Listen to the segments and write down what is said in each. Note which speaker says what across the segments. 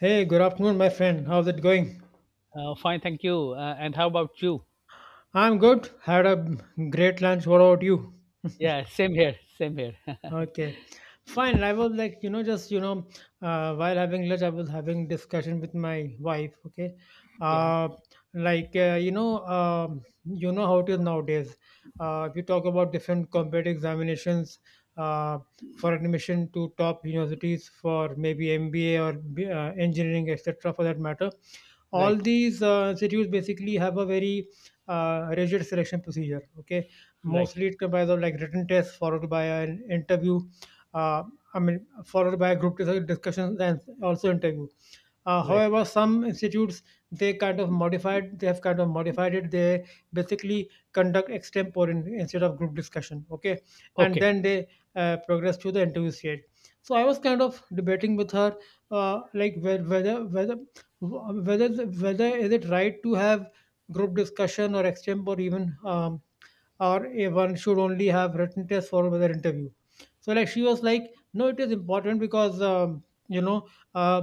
Speaker 1: Hey, good afternoon, my friend. How's it going?
Speaker 2: Fine, thank you. And how about you?
Speaker 1: I'm good. Had a great lunch. What about you?
Speaker 2: Yeah, same here, same here.
Speaker 1: Okay, fine. I was like, just while having lunch, I was having discussion with my wife. Okay,
Speaker 2: Yeah,
Speaker 1: uh, like you know how it is nowadays. If you talk about different competitive examinations uh, for admission to top universities for maybe MBA or engineering, etc. For that matter, all
Speaker 2: right,
Speaker 1: these institutes basically have a very rigid selection procedure. Okay.
Speaker 2: right,
Speaker 1: Mostly it comprises of like written tests followed by an interview. Uh, I mean, followed by group discussions and also interview.
Speaker 2: right.
Speaker 1: However, some institutes they kind of modified. They have kind of modified it. They basically conduct extempore instead of group discussion. Okay, and
Speaker 2: Okay.
Speaker 1: then they progress to the interview stage. So I was kind of debating with her, like whether is it right to have group discussion or extempore, even, or a one should only have written test for by interview, so like she was like no it is important because you know uh,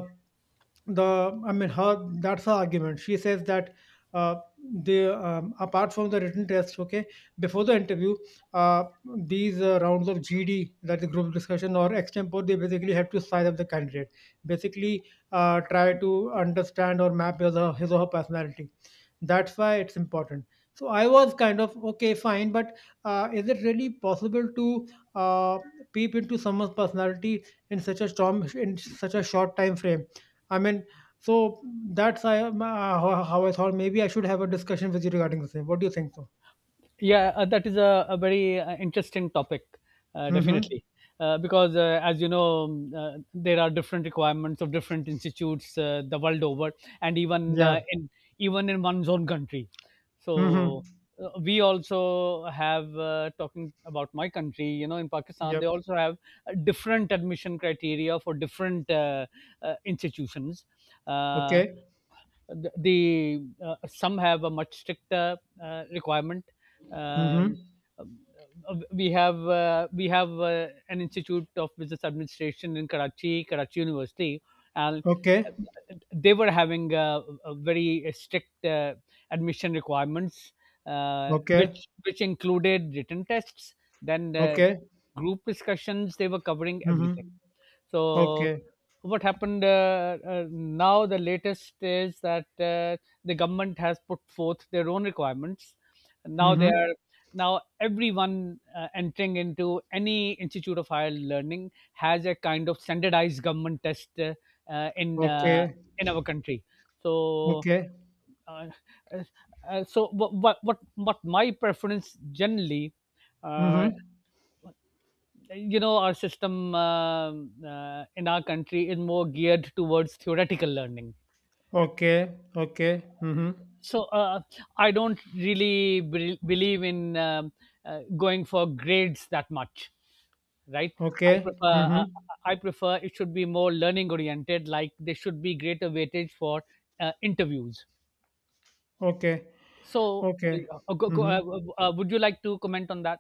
Speaker 1: the I mean, her that's her argument. She says that uh, they, apart from the written test, okay, before the interview, uh, these rounds of GD, that is group discussion or extempore, they basically have to size up the candidate, basically try to understand or map his or her personality. That's why it's important. So I was kind of, okay, fine, but is it really possible to uh, peep into someone's personality in such a short time frame. I mean, so, that's I uh, how I thought maybe I should have a discussion with you regarding the same. What do you think so?
Speaker 2: Yeah, that is a very interesting topic,
Speaker 1: Mm-hmm.
Speaker 2: definitely. Because, as you know, there are different requirements of different institutes the world over, and even
Speaker 1: Yeah.
Speaker 2: in even in one's own country.
Speaker 1: Mm-hmm.
Speaker 2: So we also have, talking about my country. You know, in Pakistan, they
Speaker 1: Yep.
Speaker 2: also have different admission criteria for different institutions. Uh,
Speaker 1: Okay.
Speaker 2: some have a much stricter requirement. Uh,
Speaker 1: Mm-hmm.
Speaker 2: um, we have an institute of business administration in Karachi, Karachi University, and
Speaker 1: Okay.
Speaker 2: they were having a very strict admission requirements, uh,
Speaker 1: Okay.
Speaker 2: which which included written tests, then
Speaker 1: Okay.
Speaker 2: group discussions. They were covering
Speaker 1: Mm-hmm.
Speaker 2: everything. So
Speaker 1: Okay.
Speaker 2: what happened, now? The latest is that the government has put forth their own requirements. Now they
Speaker 1: Mm-hmm.
Speaker 2: are Now everyone entering into any institute of higher learning has a kind of standardized government test, uh, in uh,
Speaker 1: Okay.
Speaker 2: in our country. So.
Speaker 1: Okay.
Speaker 2: Uh, uh, so what my preference generally, uh,
Speaker 1: Mm-hmm.
Speaker 2: you know, our system, in our country, is more geared towards theoretical learning.
Speaker 1: Okay. Okay. Mm-hmm.
Speaker 2: So I don't really believe in, going for grades that much, right? I
Speaker 1: Okay.
Speaker 2: prefer,
Speaker 1: Mm-hmm.
Speaker 2: uh, it should be more learning oriented, like there should be greater weightage for interviews.
Speaker 1: Okay.
Speaker 2: So
Speaker 1: Okay. Mm-hmm.
Speaker 2: would you like to comment on that?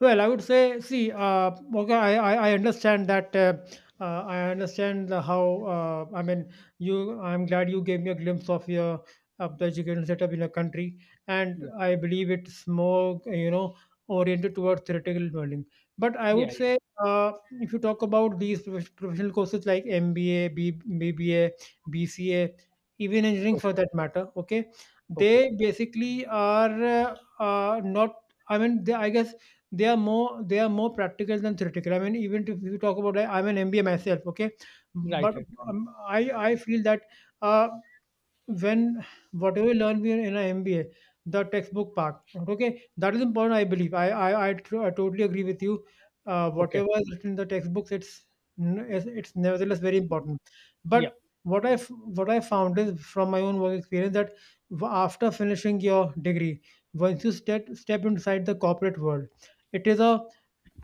Speaker 1: Well, I would say, see, okay, I understand that. I understand the how. I mean, you. I'm glad you gave me a glimpse of your of the education setup in your country, and
Speaker 2: Yeah,
Speaker 1: I believe it's more, oriented towards theoretical learning. But I would
Speaker 2: yeah, yeah.
Speaker 1: say, uh, if you talk about these professional courses like MBA, B B A, BCA, even engineering for
Speaker 2: Okay,
Speaker 1: that matter, okay,
Speaker 2: okay.
Speaker 1: they basically are, not. I mean, I guess they are more practical than theoretical. I mean, even if you talk about I'm an MBA myself, okay,
Speaker 2: Right,
Speaker 1: but
Speaker 2: right.
Speaker 1: I feel that uh, when whatever we learn we in an MBA, the textbook part. Okay, that is important, I believe. I totally agree with you.
Speaker 2: Okay.
Speaker 1: Whatever is written in the textbooks, it's n- it's nevertheless very important.
Speaker 2: Yeah,
Speaker 1: But what I found is from my own work experience that, after finishing your degree, once you step inside the corporate world, it is a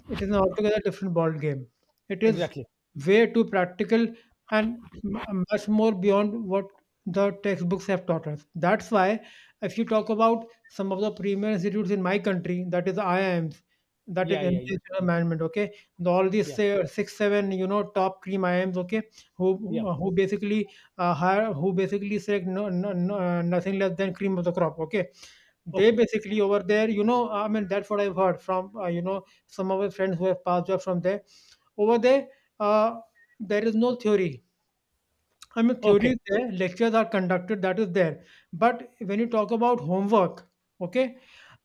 Speaker 1: it is an altogether different ball game. It is
Speaker 2: exactly.
Speaker 1: way too practical and much more beyond what the textbooks have taught us. That's why, if you talk about some of the premier institutes in my country, that is IIMs, that is
Speaker 2: Yeah, yeah, yeah,
Speaker 1: International Management, okay, all these,
Speaker 2: yeah,
Speaker 1: say, six, seven, top cream IIMs, okay, who
Speaker 2: yeah.
Speaker 1: who who basically hire, who basically say no, no, no, nothing less than cream of the crop, okay, they
Speaker 2: Okay.
Speaker 1: basically over there, I mean, that's what I've heard from some of my friends who have passed up from there. Over there, uh, there is no theory. I mean, theory
Speaker 2: Okay.
Speaker 1: is there, lectures are conducted, that is there. But when you talk about homework, okay,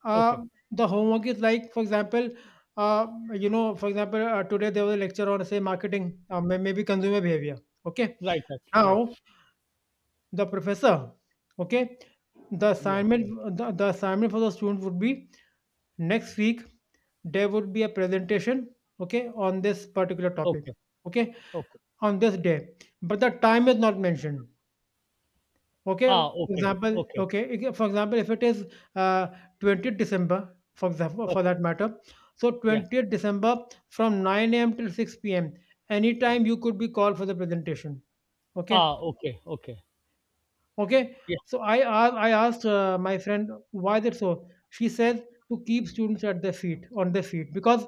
Speaker 1: uh,
Speaker 2: Okay.
Speaker 1: the homework is like, for example, uh, for example, today there was a lecture on, say, marketing, maybe consumer behavior, okay.
Speaker 2: Right. Right.
Speaker 1: Now,
Speaker 2: Right.
Speaker 1: the professor, okay, the
Speaker 2: Yeah.
Speaker 1: assignment, the assignment for the student would be, next week, there would be a presentation, okay, on this particular topic,
Speaker 2: Okay.
Speaker 1: okay,
Speaker 2: Okay.
Speaker 1: on this day, but the time is not mentioned, okay,
Speaker 2: Ah,
Speaker 1: for
Speaker 2: okay.
Speaker 1: example,
Speaker 2: Okay.
Speaker 1: okay, for example, if it is uh, 20th December, for example, for
Speaker 2: Okay.
Speaker 1: that matter. So
Speaker 2: Yeah.
Speaker 1: 20th December, from 9 a.m till 6 p.m, anytime you could be called for the presentation, okay.
Speaker 2: Ah, okay. Okay.
Speaker 1: Okay,
Speaker 2: Yeah.
Speaker 1: so I asked my friend why that so. She says, to keep students at their feet on their feet, because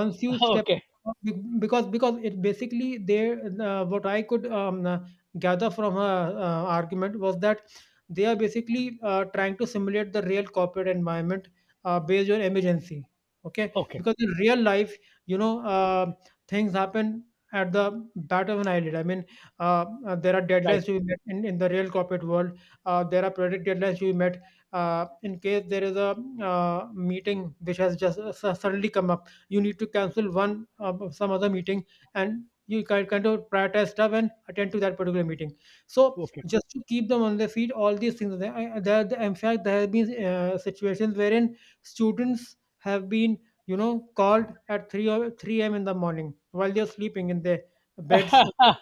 Speaker 1: once you step,
Speaker 2: Okay.
Speaker 1: be- because it basically they what I could gather from her argument was that they are basically trying to simulate the real corporate environment, based on emergency. Okay,
Speaker 2: Okay.
Speaker 1: because in real life, you know, uh, things happen at the bat of an eyelid. I mean, there are
Speaker 2: Right.
Speaker 1: deadlines to be met in the real corporate world. There are project deadlines to be met. In case there is a meeting which has just suddenly come up, you need to cancel one some other meeting, and you kind of prioritize stuff and attend to that particular meeting. So
Speaker 2: Okay.
Speaker 1: just to keep them on their feet, all these things. There, I- there- In fact, there have been situations wherein students have been, called at 3 or 3 a.m in the morning while they're sleeping in their beds, okay?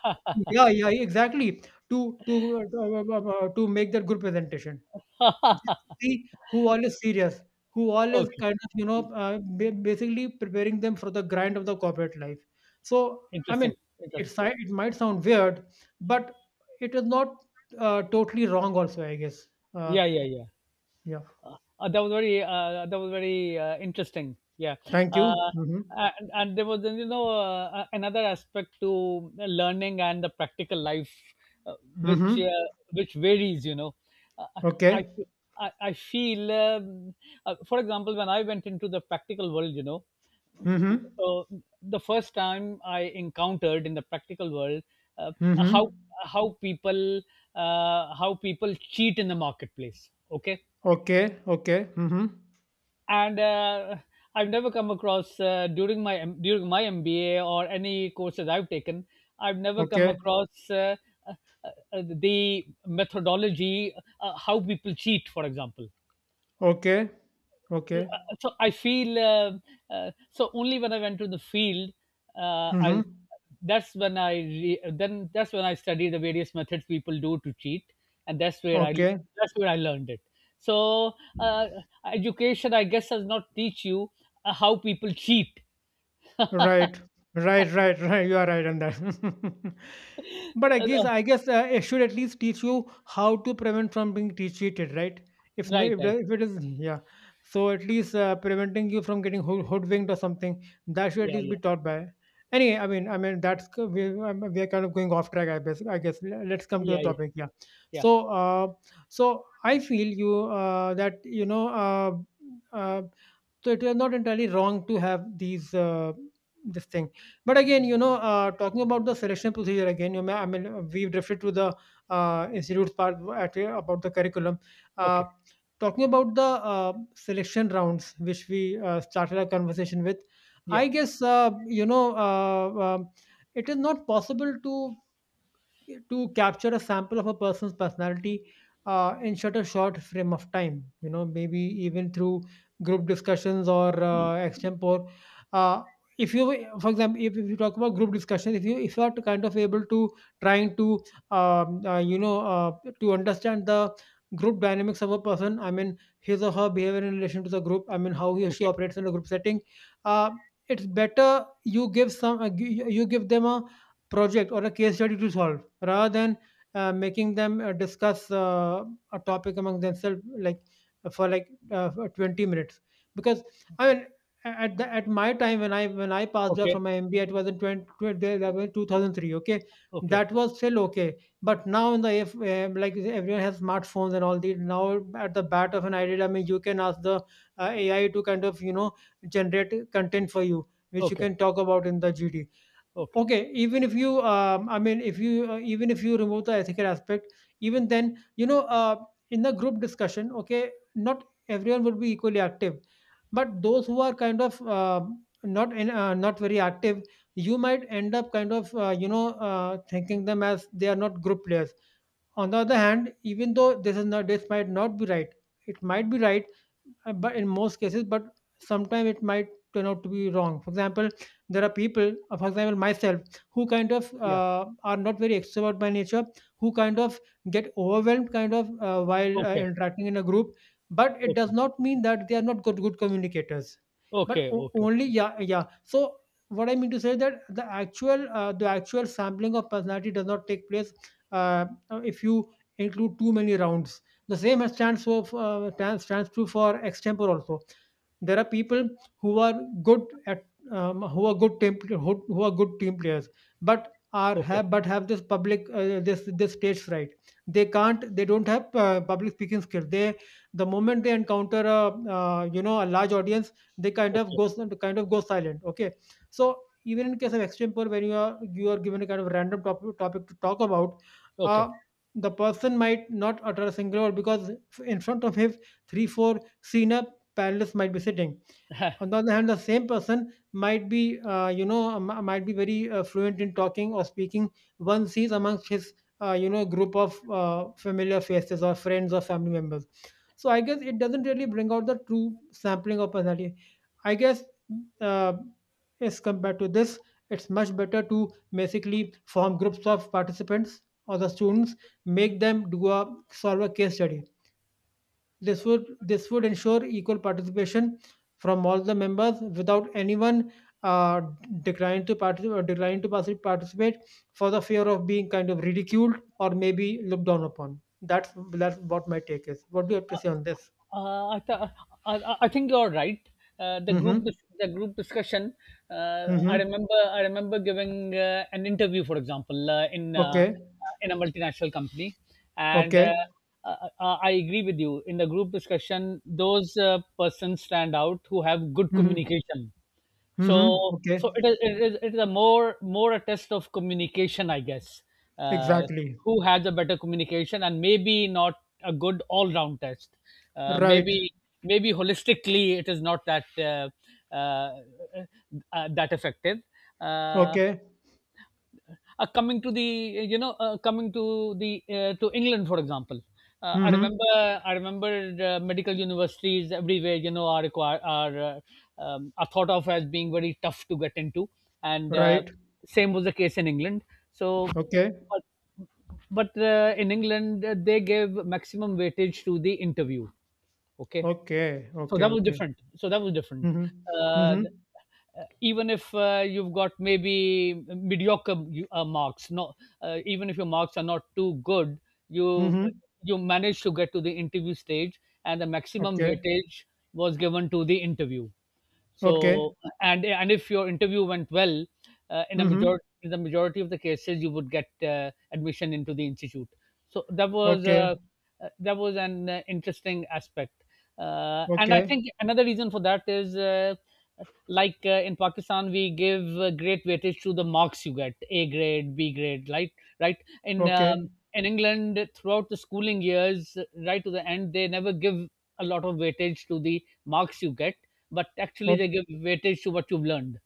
Speaker 1: Yeah, yeah, exactly. To make that good presentation. Just see who all is serious, who all is
Speaker 2: Okay.
Speaker 1: kind of, basically preparing them for the grind of the corporate life. So, I mean,
Speaker 2: Interesting. Interesting.
Speaker 1: it might sound weird, but it is not totally wrong. Also, I guess. Uh,
Speaker 2: Yeah. Yeah. Yeah.
Speaker 1: yeah.
Speaker 2: That was very, interesting. Yeah,
Speaker 1: Thank you.
Speaker 2: uh,
Speaker 1: Mm-hmm.
Speaker 2: and there was, another aspect to learning and the practical life, uh, which uh,
Speaker 1: Mm-hmm.
Speaker 2: which varies. Uh, I
Speaker 1: Okay.
Speaker 2: I feel, for example, when I went into the practical world,
Speaker 1: Mm-hmm.
Speaker 2: so the first time I encountered in the practical world, uh,
Speaker 1: Mm-hmm.
Speaker 2: how how people how people cheat in the marketplace. Okay,
Speaker 1: Okay. Okay. Mm-hmm.
Speaker 2: and I've never come across, during my MBA or any courses I've taken. I've never come
Speaker 1: Okay.
Speaker 2: across, uh, the methodology, how people cheat, for example.
Speaker 1: Okay.
Speaker 2: Uh,
Speaker 1: Okay.
Speaker 2: so I feel, so only when I went to the field,
Speaker 1: Mm-hmm.
Speaker 2: I that's when I, re- then that's when I study the various methods people do to cheat, and
Speaker 1: Okay.
Speaker 2: that's where I learned it. So uh, education, I guess, does not teach you how people cheat.
Speaker 1: Right. Right, right, right. You are right on that. But I
Speaker 2: Uh,
Speaker 1: guess
Speaker 2: uh,
Speaker 1: I guess it should at least teach you how to prevent from being cheated, right? If no,
Speaker 2: right, right.
Speaker 1: if it is, yeah, so at least preventing you from getting hoodwinked or something, that should at
Speaker 2: Yeah,
Speaker 1: least
Speaker 2: yeah,
Speaker 1: be taught by. Anyway, I mean we are kind of going off track. I guess let's come to the
Speaker 2: yeah, yeah,
Speaker 1: topic. Yeah.
Speaker 2: yeah.
Speaker 1: So uh, so I feel you, that uh, so it is not entirely wrong to have these this thing. But again, talking about the selection procedure again, I mean, we've referred to the institutes part at, about the curriculum, uh,
Speaker 2: Okay,
Speaker 1: talking about the selection rounds which we started our conversation with.
Speaker 2: yeah,
Speaker 1: I guess, it is not possible to capture a sample of a person's personality, in such a short frame of time, maybe even through group discussions or extempore, uh, if you, for example if you talk about group discussions, if you are to kind of able to, trying to, um, uh, you know uh, to understand the group dynamics of a person. I mean, his or her behavior in relation to the group. I mean, how he or she
Speaker 2: okay,
Speaker 1: operates in a group setting. uh, it's better you give them a project or a case study to solve, rather than making them discuss a topic among themselves, like, for 20 minutes, because, I mean, at my time, when I passed out from
Speaker 2: okay,
Speaker 1: my MBA, it was in 20, 20 2003, okay.
Speaker 2: okay,
Speaker 1: That was still okay. But now, in the if like everyone has smartphones and all these now, at the bat of an idea, I mean, you can ask the AI to kind of, generate content for you which you
Speaker 2: okay,
Speaker 1: can talk about in the GD.
Speaker 2: okay,
Speaker 1: Okay, even if you I mean, if you even if you remove the ethical aspect, even then, in the group discussion, okay, not everyone would be equally active, but those who are kind of, not very active, you might end up kind of, thinking them as they are not group players. On the other hand, even though this might not be right, it might be right, but in most cases, but sometimes it might turn out to be wrong. For example, there are people, for example, myself, who kind of,
Speaker 2: yeah,
Speaker 1: are not very extrovert by nature, who kind of get overwhelmed kind of, while
Speaker 2: okay,
Speaker 1: interacting in a group. But it does
Speaker 2: okay,
Speaker 1: not mean that they are not good communicators. But
Speaker 2: okay,
Speaker 1: o-
Speaker 2: okay,
Speaker 1: only yeah yeah. So what I mean to say that the actual sampling of personality does not take place uh, if you include too many rounds. The same has stands for stands stands true for extempore also. There are people who are good at who are good team who are good team players, but are
Speaker 2: okay,
Speaker 1: have but have this public this this stage fright. They don't have public speaking skill. They, the moment they encounter a you know, a large audience, they kind of
Speaker 2: okay.
Speaker 1: goes kind of go silent. Okay, so even in case of extempore, when you are given a kind of random topic to talk about. Uh,
Speaker 2: Okay.
Speaker 1: the person might not utter a single word because in front of him 3-4 senior panelists might be sitting. On the other hand, the same person might be you know, might be very fluent in talking or speaking one sees amongst his you know, group of familiar faces or friends or family members. So I guess it doesn't really bring out the true sampling of personality, I guess. Uh, as compared to this, it's much better to basically form groups of participants or the students, make them do a solve a case study. This would ensure equal participation from all the members without anyone uh, declining to participate for the fear of being kind of ridiculed or maybe looked down upon. That's what my take is. What do you have to say on this?
Speaker 2: uh, I, th- I think you're right. Uh, the group
Speaker 1: Mm-hmm.
Speaker 2: the group discussion.
Speaker 1: Mm-hmm.
Speaker 2: I remember giving an interview, for example, uh, in uh, uh,
Speaker 1: Okay.
Speaker 2: in a multinational company, and
Speaker 1: Okay.
Speaker 2: I agree with you. In the group discussion, those persons stand out who have good
Speaker 1: Mm-hmm.
Speaker 2: communication. so
Speaker 1: Mm-hmm. Okay.
Speaker 2: so it is a more a test of communication, I guess. uh,
Speaker 1: Exactly.
Speaker 2: who has a better communication and maybe not a good all round test, uh,
Speaker 1: Right.
Speaker 2: maybe maybe holistically it is not uh, that effective. Uh,
Speaker 1: Okay.
Speaker 2: coming to the you know coming to the to England, for example, uh, I
Speaker 1: Mm-hmm.
Speaker 2: remember I remember medical universities everywhere, are, require are thought of as being very tough to get into, and
Speaker 1: Right.
Speaker 2: same was the case in England. So,
Speaker 1: Okay.
Speaker 2: but but in England, they gave maximum weightage to the interview. Okay,
Speaker 1: Okay.
Speaker 2: so
Speaker 1: Okay.
Speaker 2: that was
Speaker 1: Okay.
Speaker 2: different. So that was different.
Speaker 1: Mm-hmm.
Speaker 2: Uh,
Speaker 1: Mm-hmm.
Speaker 2: th- Even if you've got maybe mediocre, marks, no, even if your marks are not too good, you uh,
Speaker 1: Mm-hmm.
Speaker 2: you managed to get to the interview stage, and the maximum
Speaker 1: Okay.
Speaker 2: weightage was given to the interview.
Speaker 1: Okay.
Speaker 2: So and if your interview went well, uh, in a
Speaker 1: Mhm.
Speaker 2: majority in the majority of the cases, you would get admission into the institute. So
Speaker 1: Okay.
Speaker 2: that was an interesting aspect. And I
Speaker 1: Okay.
Speaker 2: think another reason for that is, like in Pakistan, we give great weightage to the marks you get, A grade, B grade, right? Right. In
Speaker 1: Okay.
Speaker 2: um, in England, throughout the schooling years, right to the end, they never give a lot of weightage to the marks you get, but actually
Speaker 1: Okay.
Speaker 2: they give weightage to what you've learned.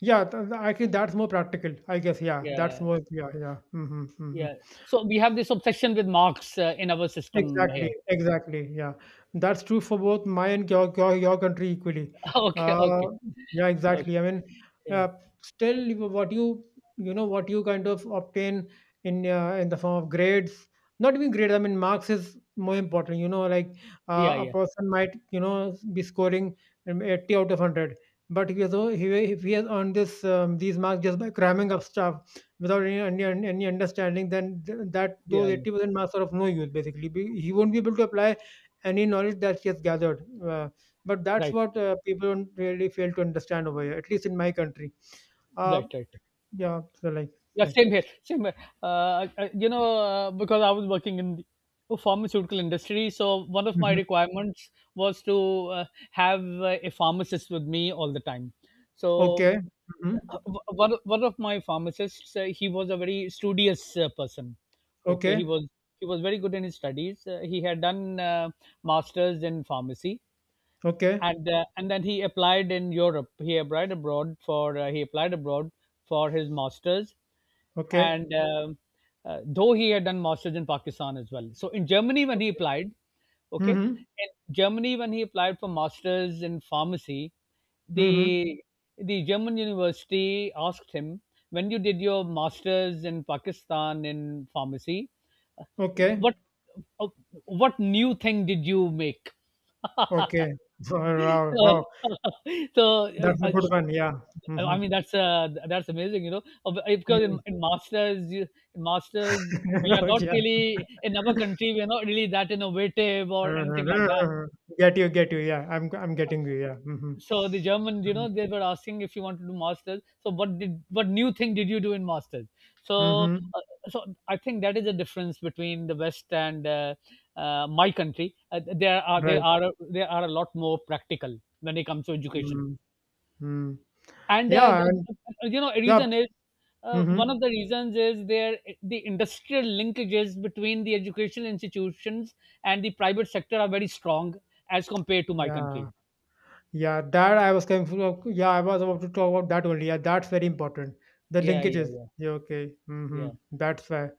Speaker 1: Yeah, th th actually, that's more practical, I guess. Yeah, that's
Speaker 2: Yeah,
Speaker 1: more, yeah, yeah. Mhm, mhm.
Speaker 2: yeah. So we have this obsession with marks, in our system
Speaker 1: Exactly,
Speaker 2: here.
Speaker 1: exactly. Yeah, that's true for both my and your country equally.
Speaker 2: Okay,
Speaker 1: Uh,
Speaker 2: okay,
Speaker 1: yeah,
Speaker 2: okay.
Speaker 1: exactly. I mean,
Speaker 2: Yeah,
Speaker 1: uh, still what you know, what you kind of obtain in the form of grades, not even grades. I mean, marks is more important. You know, like
Speaker 2: yeah,
Speaker 1: a
Speaker 2: yeah,
Speaker 1: person might, you know, be scoring 80 out of 100, but if he has o- he, if he has earned this these marks just by cramming up stuff without any any understanding, then that
Speaker 2: yeah,
Speaker 1: those
Speaker 2: yeah.
Speaker 1: 80% marks are of no use. Basically, he won't be able to apply any knowledge that he has gathered. But that's
Speaker 2: Right,
Speaker 1: what people don't really fail to understand over here, at least in my country. Uh,
Speaker 2: right, right.
Speaker 1: yeah. So like,
Speaker 2: Yeah,
Speaker 1: okay.
Speaker 2: same here, same here. Because I was working in the pharmaceutical industry, so one of my
Speaker 1: Mhm.
Speaker 2: requirements was to have a pharmacist with me all the time. So
Speaker 1: Okay. Hmm.
Speaker 2: uh, one of my pharmacists, he was a very studious person. Okay, he
Speaker 1: Okay.
Speaker 2: was he was very good in his studies. He had done masters in pharmacy,
Speaker 1: Okay.
Speaker 2: and then he applied in Europe. He applied abroad for his masters,
Speaker 1: Okay.
Speaker 2: and though he had done masters in Pakistan as well. so in germany when he
Speaker 1: Okay.
Speaker 2: applied okay
Speaker 1: Mm-hmm.
Speaker 2: in Germany when he applied for masters in pharmacy,
Speaker 1: Mm-hmm.
Speaker 2: the the German university asked him, when you did your masters in Pakistan in pharmacy,
Speaker 1: Okay.
Speaker 2: what uh, what new thing did you make?
Speaker 1: Okay. Wow. Wow. Wow.
Speaker 2: So uh,
Speaker 1: That's a
Speaker 2: uh,
Speaker 1: good one. Yeah. Mm-hmm.
Speaker 2: I mean that's amazing, you know. Because in masters, you, in masters we
Speaker 1: Mm-hmm.
Speaker 2: are not
Speaker 1: okay.
Speaker 2: really, in our country we are not really that innovative or
Speaker 1: Mhm.
Speaker 2: anything like that.
Speaker 1: Get you, get you. Yeah, I'm getting you. Yeah. Hmm.
Speaker 2: So the Germans, you know, they were asking, if you want to do masters, so what new thing did you do in masters? So
Speaker 1: Mm-hmm.
Speaker 2: uh, so I think that is a difference between the West and my country. Uh, they are they
Speaker 1: Right.
Speaker 2: are they are a lot more practical when it comes to education.
Speaker 1: Mm-hmm.
Speaker 2: And
Speaker 1: Yeah,
Speaker 2: the,
Speaker 1: and
Speaker 2: a
Speaker 1: yeah.
Speaker 2: reason is one
Speaker 1: Mm-hmm.
Speaker 2: of the reasons is, there the industrial linkages between the educational institutions and the private sector are very strong as compared to my country.
Speaker 1: Yeah. Yeah, that I was coming from. Yeah, I was about to talk about that only. Yeah, that's very important. The
Speaker 2: Yeah, yeah,
Speaker 1: linkages.
Speaker 2: yeah,
Speaker 1: Yeah, okay. Mm-hmm.
Speaker 2: yeah.
Speaker 1: That's why.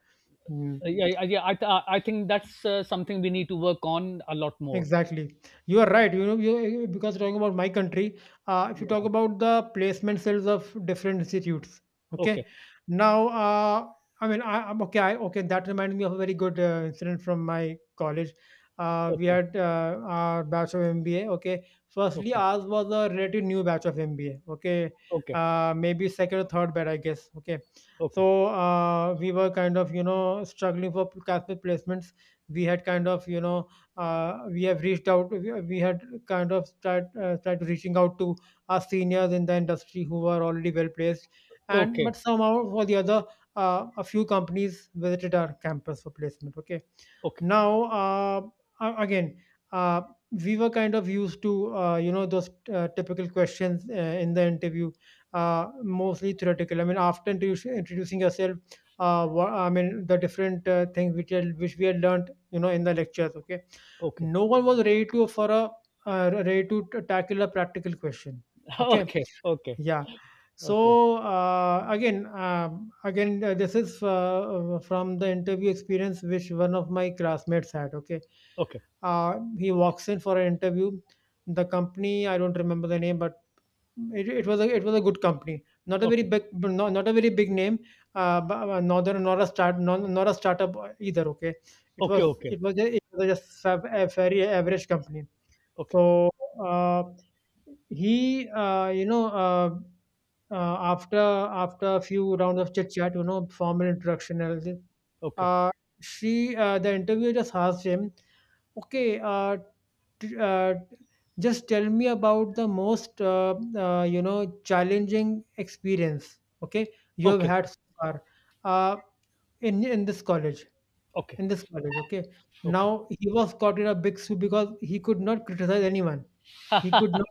Speaker 1: Mm.
Speaker 2: Yeah, yeah, yeah, I think that's something we need to work on a lot more.
Speaker 1: Exactly. You are right. You know, you, because talking about my country, if you talk
Speaker 2: Yeah.
Speaker 1: about the placement cells of different institutes, okay.
Speaker 2: Okay.
Speaker 1: Now, I mean, I, I'm okay. I, okay, that reminds me of a very good incident from my college. We
Speaker 2: Okay.
Speaker 1: had our batch of MBA. Okay, firstly,
Speaker 2: Okay.
Speaker 1: ours was a relatively new batch of MBA. Okay,
Speaker 2: Okay.
Speaker 1: maybe second or third batch, I guess. Okay,
Speaker 2: Okay.
Speaker 1: so we were kind of, you know, struggling for class placements. We had kind of, you know, we have reached out we had kind of tried tried reaching out to our seniors in the industry who were already well placed, and
Speaker 2: Okay.
Speaker 1: but somehow or the other, a few companies visited our campus for placement, okay.
Speaker 2: Okay.
Speaker 1: Now, again, uh, we were kind of used to you know, those typical questions in the interview, mostly theoretical. I mean, after introducing yourself, what, I mean the different things which we had learned, you know, in the lectures. Okay,
Speaker 2: Okay.
Speaker 1: no one was ready to tackle a practical question. Okay,
Speaker 2: Okay. Okay.
Speaker 1: yeah.
Speaker 2: Okay. Okay.
Speaker 1: So again, again, this is from the interview experience which one of my classmates had. Okay,
Speaker 2: Okay.
Speaker 1: he walks in for an interview. The company, I don't remember the name, but it was a good company, not a very
Speaker 2: Okay. Okay.
Speaker 1: big, not a very big name, but nor a startup either. Okay, it
Speaker 2: Okay.
Speaker 1: was
Speaker 2: Okay.
Speaker 1: it was just, it was just a very average company. So uh, he, you know. Uh, After a few rounds of chit chat, you know, formal introduction and everything,
Speaker 2: Okay.
Speaker 1: uh, she the interviewer just asked him, okay, t- uh, just tell me about the most you know, challenging experience, okay, you have
Speaker 2: Okay.
Speaker 1: had so far uh, in in this college,
Speaker 2: Okay.
Speaker 1: in this college, okay.
Speaker 2: Okay.
Speaker 1: Now he was caught in a big soup because he could not.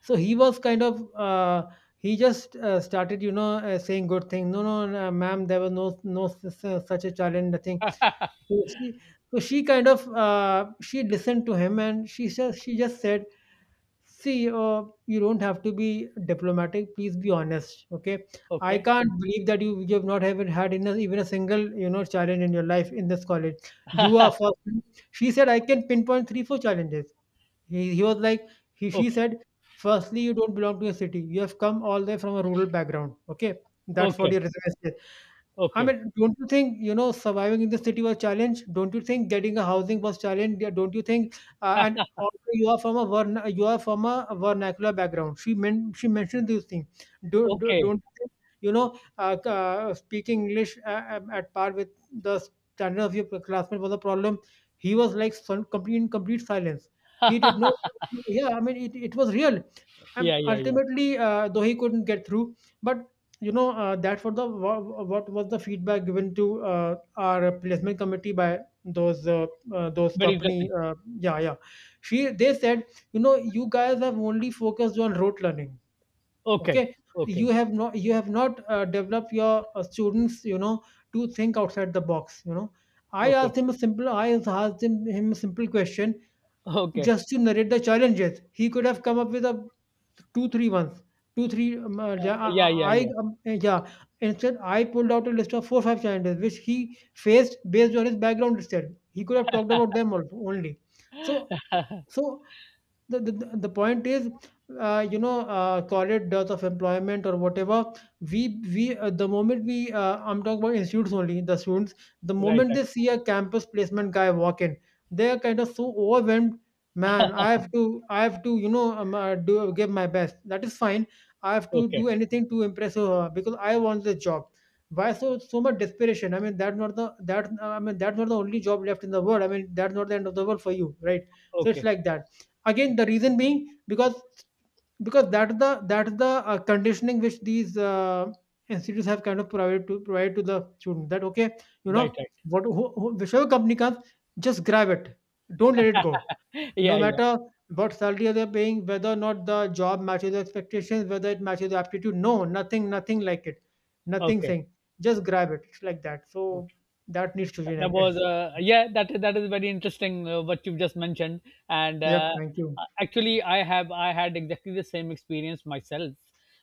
Speaker 1: So he was kind of. He just started, you know, saying good things. No, no, no, ma'am, there was no such a challenge, nothing. So she, so she kind of, she listened to him and she just said, see, you don't have to be diplomatic. Please be honest, okay? I
Speaker 2: Okay.
Speaker 1: can't believe that you have not even had even a single, you know, challenge in your life in this college. You are first. She said, I can pinpoint 3-4 challenges. He was like, he, she
Speaker 2: Okay.
Speaker 1: said, firstly, you don't belong to a city. You have come all the way from a rural background. Okay. That's what
Speaker 2: Okay.
Speaker 1: your resume says. I
Speaker 2: Okay.
Speaker 1: mean, don't you think, you know, surviving in the city was challenge? Don't you think getting a housing was challenge? Yeah, don't you think? And also, you are from a verna you are from a vernacular background. She mentioned these things.
Speaker 2: Okay.
Speaker 1: Don't you think, you know, speaking English at par with the standard of your classmate was a problem. He was like complete silence. He did not. Yeah, I mean, it was real. And
Speaker 2: Yeah, yeah, yeah.
Speaker 1: ultimately, though he couldn't get through, but you know, that what was the feedback given to our placement committee by those uh, those
Speaker 2: Very
Speaker 1: company,
Speaker 2: interesting.
Speaker 1: yeah, yeah. She, they said, you know, you guys have only focused on rote learning,
Speaker 2: Okay.
Speaker 1: okay.
Speaker 2: Okay.
Speaker 1: You have not developed your students, you know, to think outside the box, you know. i
Speaker 2: Okay.
Speaker 1: asked him a simple i asked him a simple question,
Speaker 2: Okay.
Speaker 1: just to narrate the challenges. He could have come up with a 2, 3 months, 2, 3 yeah,
Speaker 2: Yeah, yeah,
Speaker 1: I
Speaker 2: yeah.
Speaker 1: yeah. Instead, I pulled out a list of four, five challenges which he faced based on his background instead. He could have talked about them also only. So, so, the point is, you know, corporate dearth of employment or whatever. We the moment we I'm talking about institutes, only the students. The
Speaker 2: Right,
Speaker 1: moment
Speaker 2: right.
Speaker 1: they see a campus placement guy walk in, they are kind of so overwhelmed. Man, I have to, you know, do give my best. That is fine. I have to
Speaker 2: Okay.
Speaker 1: do anything to impress her because I want this job. Why so much desperation? I mean, that's not the that I mean, that's not the only job left in the world. I mean, that's not the end of the world for you, right? So it's
Speaker 2: Okay.
Speaker 1: like that. Again, the reason being because that's the conditioning which these institutes have kind of provide to the student that okay, you
Speaker 2: Right,
Speaker 1: know,
Speaker 2: right.
Speaker 1: whichever company comes, just grab it, don't let it go, no
Speaker 2: Yeah, yeah.
Speaker 1: matter what salary they're paying, whether or not the job matches the expectations, whether it matches the aptitude, no, nothing like it, nothing
Speaker 2: Okay.
Speaker 1: saying, just grab it. It's like that. So that needs to change, I
Speaker 2: That was,
Speaker 1: guess.
Speaker 2: yeah, that is very interesting, what you've just mentioned, and
Speaker 1: Yep, thank you.
Speaker 2: actually, I had exactly the same experience myself.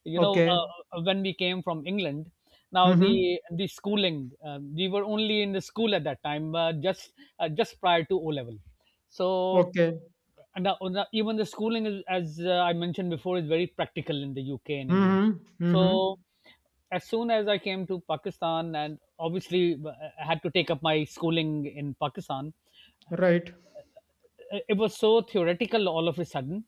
Speaker 2: you know
Speaker 1: Okay.
Speaker 2: uh, when we came from England, now,
Speaker 1: Mm-hmm.
Speaker 2: the schooling, we were only in the school at that time, just prior to O level. So,
Speaker 1: Okay.
Speaker 2: and now even the schooling is, as I mentioned before, is very practical in the UK and England.
Speaker 1: Mm-hmm. Mm-hmm.
Speaker 2: So as soon as I came to Pakistan, and obviously I had to take up my schooling in Pakistan.
Speaker 1: Right.
Speaker 2: It was so theoretical all of a sudden,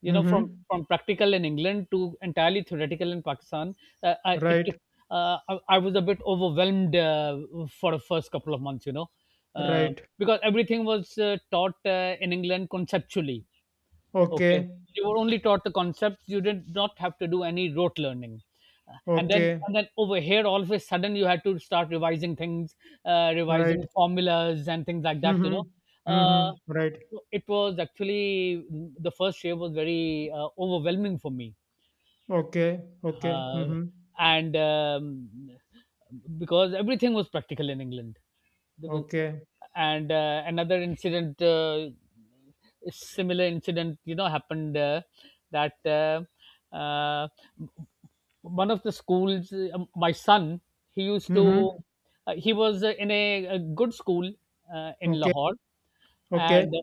Speaker 2: you know, from
Speaker 1: Mm-hmm.
Speaker 2: from practical in England to entirely theoretical in Pakistan. I it took,
Speaker 1: Right.
Speaker 2: I was a bit overwhelmed, for the first couple of months, you know, uh,
Speaker 1: Right.
Speaker 2: because everything was taught in England conceptually. Okay.
Speaker 1: Okay.
Speaker 2: You were only taught the concepts, you did not have to do any rote learning. And then,
Speaker 1: Okay.
Speaker 2: over here, all of a sudden, you had to start revising things,
Speaker 1: Right.
Speaker 2: revising formulas and things like that. You
Speaker 1: Mm-hmm.
Speaker 2: know, uh,
Speaker 1: Mm-hmm. Right.
Speaker 2: so it was actually the first year was very overwhelming for me,
Speaker 1: Okay. Okay.
Speaker 2: uh,
Speaker 1: Mm-hmm.
Speaker 2: and because everything was practical in England. There was,
Speaker 1: Okay.
Speaker 2: and another incident, similar incident, you know, happened, that one of the schools, my son, he used to,
Speaker 1: Mm-hmm.
Speaker 2: he was in a good school in
Speaker 1: Okay.
Speaker 2: Lahore,
Speaker 1: Okay.
Speaker 2: and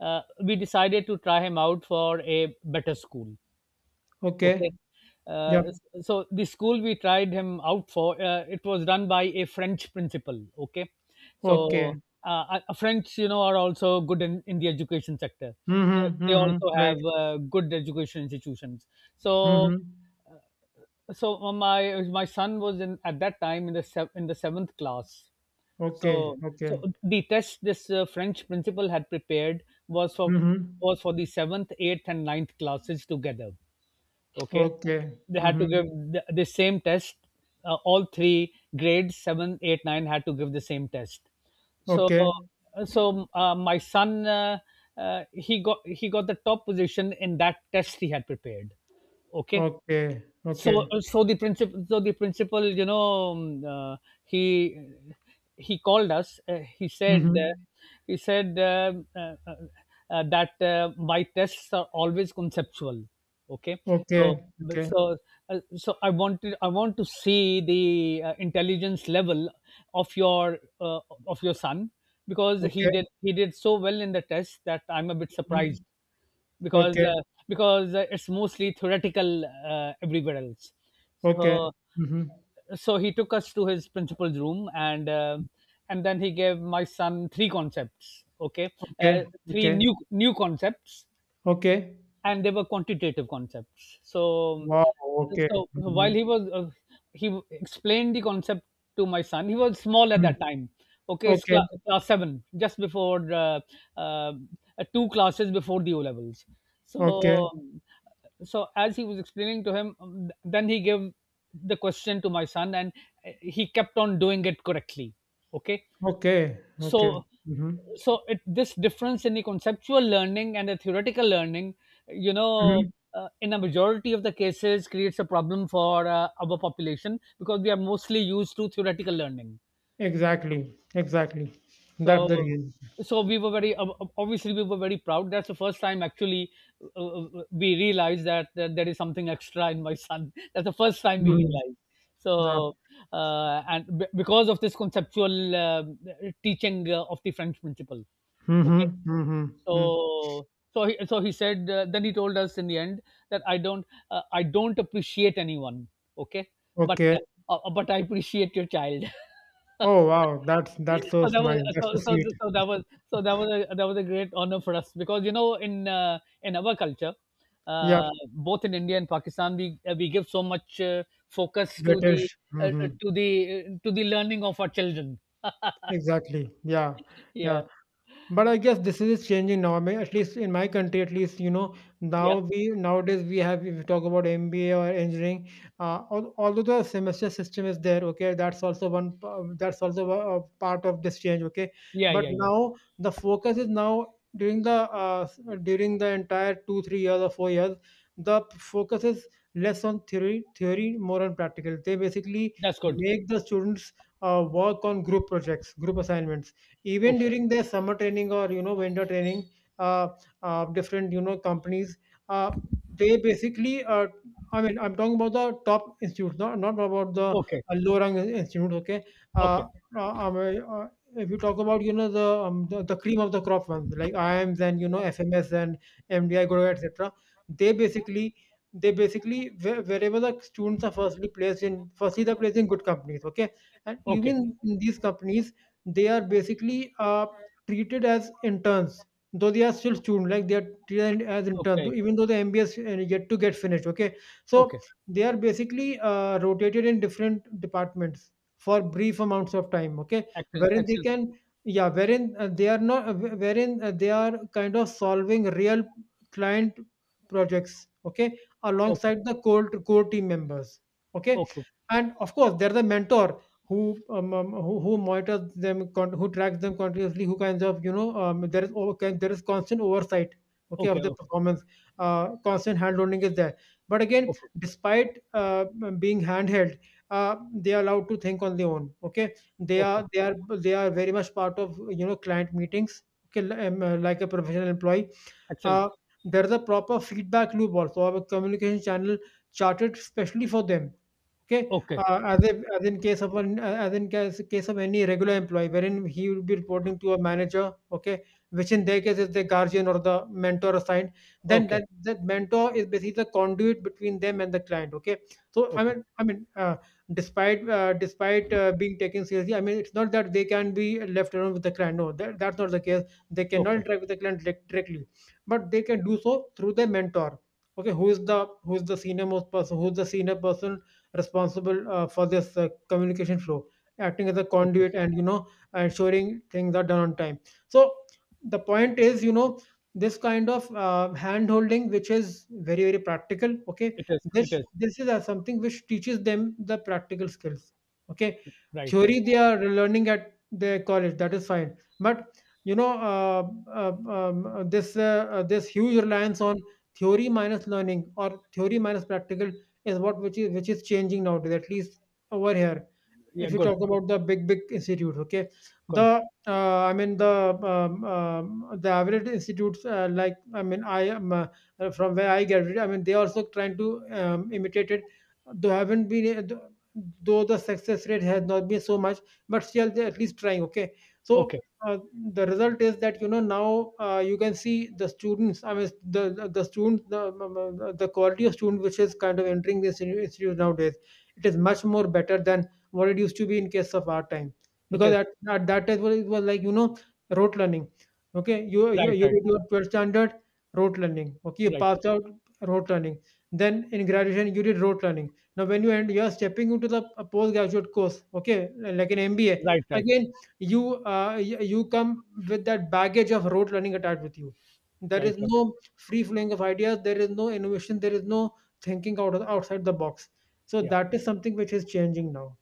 Speaker 2: we decided to try him out for a better school.
Speaker 1: Okay.
Speaker 2: Okay.
Speaker 1: Yeah.
Speaker 2: So the school we tried him out for, it was run by a French principal. Okay.
Speaker 1: Okay.
Speaker 2: So French, you know, are also good in the education sector.
Speaker 1: Mm-hmm.
Speaker 2: They
Speaker 1: Mm-hmm.
Speaker 2: also have
Speaker 1: Right.
Speaker 2: good education institutions. So
Speaker 1: Mm-hmm.
Speaker 2: so my son was in at that time in the seventh class.
Speaker 1: Okay.
Speaker 2: So
Speaker 1: Okay.
Speaker 2: the test this French principal had prepared was for
Speaker 1: Mm-hmm.
Speaker 2: was for the seventh, eighth, and ninth classes together, okay,
Speaker 1: Okay.
Speaker 2: they had to
Speaker 1: Mm-hmm.
Speaker 2: give the same test. Uh, all three grades 7, 8, 9 had to give the same test. So
Speaker 1: Okay.
Speaker 2: so my son he got the top position in that test he had prepared, okay.
Speaker 1: Okay.
Speaker 2: so
Speaker 1: Okay.
Speaker 2: uh, so the principal so the principal you know, um, uh, he he called us. Uh,
Speaker 1: Mm-hmm.
Speaker 2: he said that my tests are always conceptual, okay. so
Speaker 1: Okay.
Speaker 2: but
Speaker 1: Okay.
Speaker 2: so uh, so i wanted i want to see the intelligence level of your son, because
Speaker 1: Okay.
Speaker 2: he did so well in the test that I'm a bit surprised,
Speaker 1: Mm-hmm.
Speaker 2: because
Speaker 1: Okay.
Speaker 2: it's mostly theoretical everywhere else.
Speaker 1: Okay.
Speaker 2: So
Speaker 1: Mm-hmm.
Speaker 2: so he took us to his principal's room, and then he gave my son three concepts. Okay, uh,
Speaker 1: Okay,
Speaker 2: three
Speaker 1: okay,
Speaker 2: new concepts,
Speaker 1: okay.
Speaker 2: and they were quantitative concepts. So,
Speaker 1: Wow, okay.
Speaker 2: so while
Speaker 1: Mhm,
Speaker 2: he was he explained the concept to my son. He was small at
Speaker 1: mm.
Speaker 2: that time. Okay, it's
Speaker 1: Okay,
Speaker 2: class seven, just before uh, two classes before the O levels.
Speaker 1: okay,
Speaker 2: So, so, as he was explaining to him, then he gave the question to my son, and he kept on doing it correctly. Okay,
Speaker 1: okay, okay.
Speaker 2: so
Speaker 1: Mhm,
Speaker 2: so it, this difference in the conceptual learning and the theoretical learning, you know,
Speaker 1: mhm.
Speaker 2: in a majority of the cases creates a problem for our population, because we are mostly used to theoretical learning.
Speaker 1: Exactly, exactly. That's the
Speaker 2: so
Speaker 1: reason.
Speaker 2: so we were very ob- ob- obviously we were very proud. That's the first time actually we realized that there is something extra in my son. That's the first time we
Speaker 1: Mhm,
Speaker 2: realized.
Speaker 1: yeah.
Speaker 2: So uh, and b- because of this conceptual teaching of the French principle. Okay.
Speaker 1: Mhm, mhm, mm.
Speaker 2: So so he said, then he told us in the end that I don't appreciate anyone, okay? But
Speaker 1: Okay.
Speaker 2: but I appreciate your child.
Speaker 1: Oh, wow. That's
Speaker 2: so
Speaker 1: so
Speaker 2: that
Speaker 1: nice.
Speaker 2: was
Speaker 1: That's so
Speaker 2: so, so,
Speaker 1: sweet.
Speaker 2: so that was so that was a great honor for us, because you know in our culture,
Speaker 1: Yeah,
Speaker 2: both in India and Pakistan, we give so much focus to the
Speaker 1: British. Better. Mhm.
Speaker 2: to the to the learning of our children.
Speaker 1: Exactly. Yeah, yeah.
Speaker 2: yeah
Speaker 1: But I guess this is changing now. I mean, at least in my country, at least you know
Speaker 2: yeah
Speaker 1: now we nowadays we have, if you talk about MBA or engineering, although the semester system is there, okay, that's also a part of this change, okay.
Speaker 2: yeah
Speaker 1: But
Speaker 2: yeah, yeah,
Speaker 1: now the focus is now during the during the entire two three years or four years, the focus is less on theory, more on practical. They basically
Speaker 2: that's good.
Speaker 1: make the students work on group projects, group assignments, even
Speaker 2: Okay,
Speaker 1: during their summer training or winter training, uh, different companies. Uh, they basically I mean, I'm talking about the top institutes, not about the
Speaker 2: okay,
Speaker 1: low rung institutes. Okay.
Speaker 2: okay,
Speaker 1: uh, uh, um, uh, if you talk about the, the cream of the crop ones, like IMS and you know FMS and MDI Guru, et cetera, they basically they basically wherever the students are firstly they're placed in good companies, okay, and
Speaker 2: okay,
Speaker 1: even in these companies they are basically treated as interns, though they are still students. Like they are treated as interns,
Speaker 2: okay,
Speaker 1: even though the MBA is yet to get finished, okay. So
Speaker 2: okay.
Speaker 1: they are basically rotated in different departments for brief amounts of time, okay,
Speaker 2: Excellent,
Speaker 1: wherein they
Speaker 2: excellent.
Speaker 1: can, yeah, wherein they are not wh- wherein they are kind of solving real client projects, okay,
Speaker 2: Okay,
Speaker 1: alongside the core team members, okay.
Speaker 2: okay,
Speaker 1: And of course there's a mentor who who monitors them, who tracks them continuously, who kinds of you know, there is there is constant oversight, okay, of
Speaker 2: okay,
Speaker 1: the
Speaker 2: okay,
Speaker 1: performance. Constant hand holding is there, but again,
Speaker 2: okay,
Speaker 1: despite being handheld, they are allowed to think on their own. Okay, they
Speaker 2: okay.
Speaker 1: are they are they are very much part of you know client meetings. Okay, like a professional employee.
Speaker 2: Excellent.
Speaker 1: Uh, there is a proper feedback loop also, or a communication channel charted specially for them. Okay,
Speaker 2: Okay,
Speaker 1: as if as in case of an as in case case of any regular employee, wherein he will be reporting to a manager. Okay, which in their case is the guardian or the mentor assigned. Then
Speaker 2: okay,
Speaker 1: that mentor is basically the conduit between them and the client. Okay, so
Speaker 2: okay,
Speaker 1: despite being taken seriously, I mean, it's not that they can be left alone with the client. No, that's not the case. They cannot
Speaker 2: okay,
Speaker 1: interact with the client directly, but they can do so through their mentor. Okay, who is the senior most person? Who is the senior person responsible for this communication flow, acting as a
Speaker 2: okay.
Speaker 1: conduit and you know ensuring things are done on time. So the point is, you know, this kind of hand holding, which is very very practical. Okay,
Speaker 2: It is, it
Speaker 1: this
Speaker 2: is.
Speaker 1: this is something which teaches them the practical skills. Okay,
Speaker 2: Right, right.
Speaker 1: theory they are learning at their college, that is fine, but you know this this huge reliance on theory minus learning or theory minus practical is what which is changing nowadays, at least over here.
Speaker 2: Yeah,
Speaker 1: If you
Speaker 2: good,
Speaker 1: talk about the big, big institutes, okay,
Speaker 2: good,
Speaker 1: the I mean the average institutes, like I mean I am from where I graduated. I mean they also trying to imitate it. They haven't been, though the success rate has not been so much, but still they at least trying. Okay, so.
Speaker 2: okay.
Speaker 1: Uh, the result is that you know now you can see the students, the quality of student which is kind of entering this institute nowadays, it is much more better than what it used to be in case of our time.
Speaker 2: It
Speaker 1: Because
Speaker 2: is.
Speaker 1: at that time it was like you know rote learning. Okay,
Speaker 2: Right,
Speaker 1: you
Speaker 2: right,
Speaker 1: did your 12th standard, rote learning, okay, you
Speaker 2: right,
Speaker 1: passed out, rote learning, then in graduation you did rote learning. Now when you end you are stepping into the a postgraduate course, okay, like an MBA,
Speaker 2: right, right,
Speaker 1: again you, you come with that baggage of rote learning attached with you. There
Speaker 2: right,
Speaker 1: is
Speaker 2: right.
Speaker 1: no free flowing of ideas, there is no innovation, there is no thinking outside the box. So
Speaker 2: Yeah.
Speaker 1: that is something which is changing now.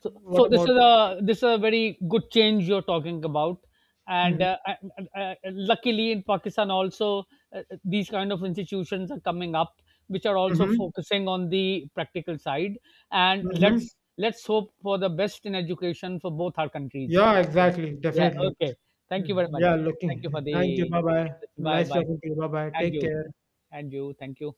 Speaker 2: So,
Speaker 1: What
Speaker 2: so this
Speaker 1: about?
Speaker 2: is a very good change you're talking about, and
Speaker 1: Mhm.
Speaker 2: luckily in Pakistan also these kind of institutions are coming up, which are also
Speaker 1: Mhm.
Speaker 2: focusing on the practical side. And
Speaker 1: Mhm.
Speaker 2: let's hope for the best in education for both our countries.
Speaker 1: Yeah,
Speaker 2: Yeah.
Speaker 1: exactly.
Speaker 2: Yeah.
Speaker 1: Definitely.
Speaker 2: Okay. Thank you
Speaker 1: Mhm.
Speaker 2: very much.
Speaker 1: Yeah,
Speaker 2: Thank you for
Speaker 1: looking. Thank you.
Speaker 2: the
Speaker 1: Bye bye.
Speaker 2: bye
Speaker 1: Nice
Speaker 2: bye.
Speaker 1: talking to you. Bye bye.
Speaker 2: And
Speaker 1: Take
Speaker 2: you,
Speaker 1: care.
Speaker 2: and you. Thank you.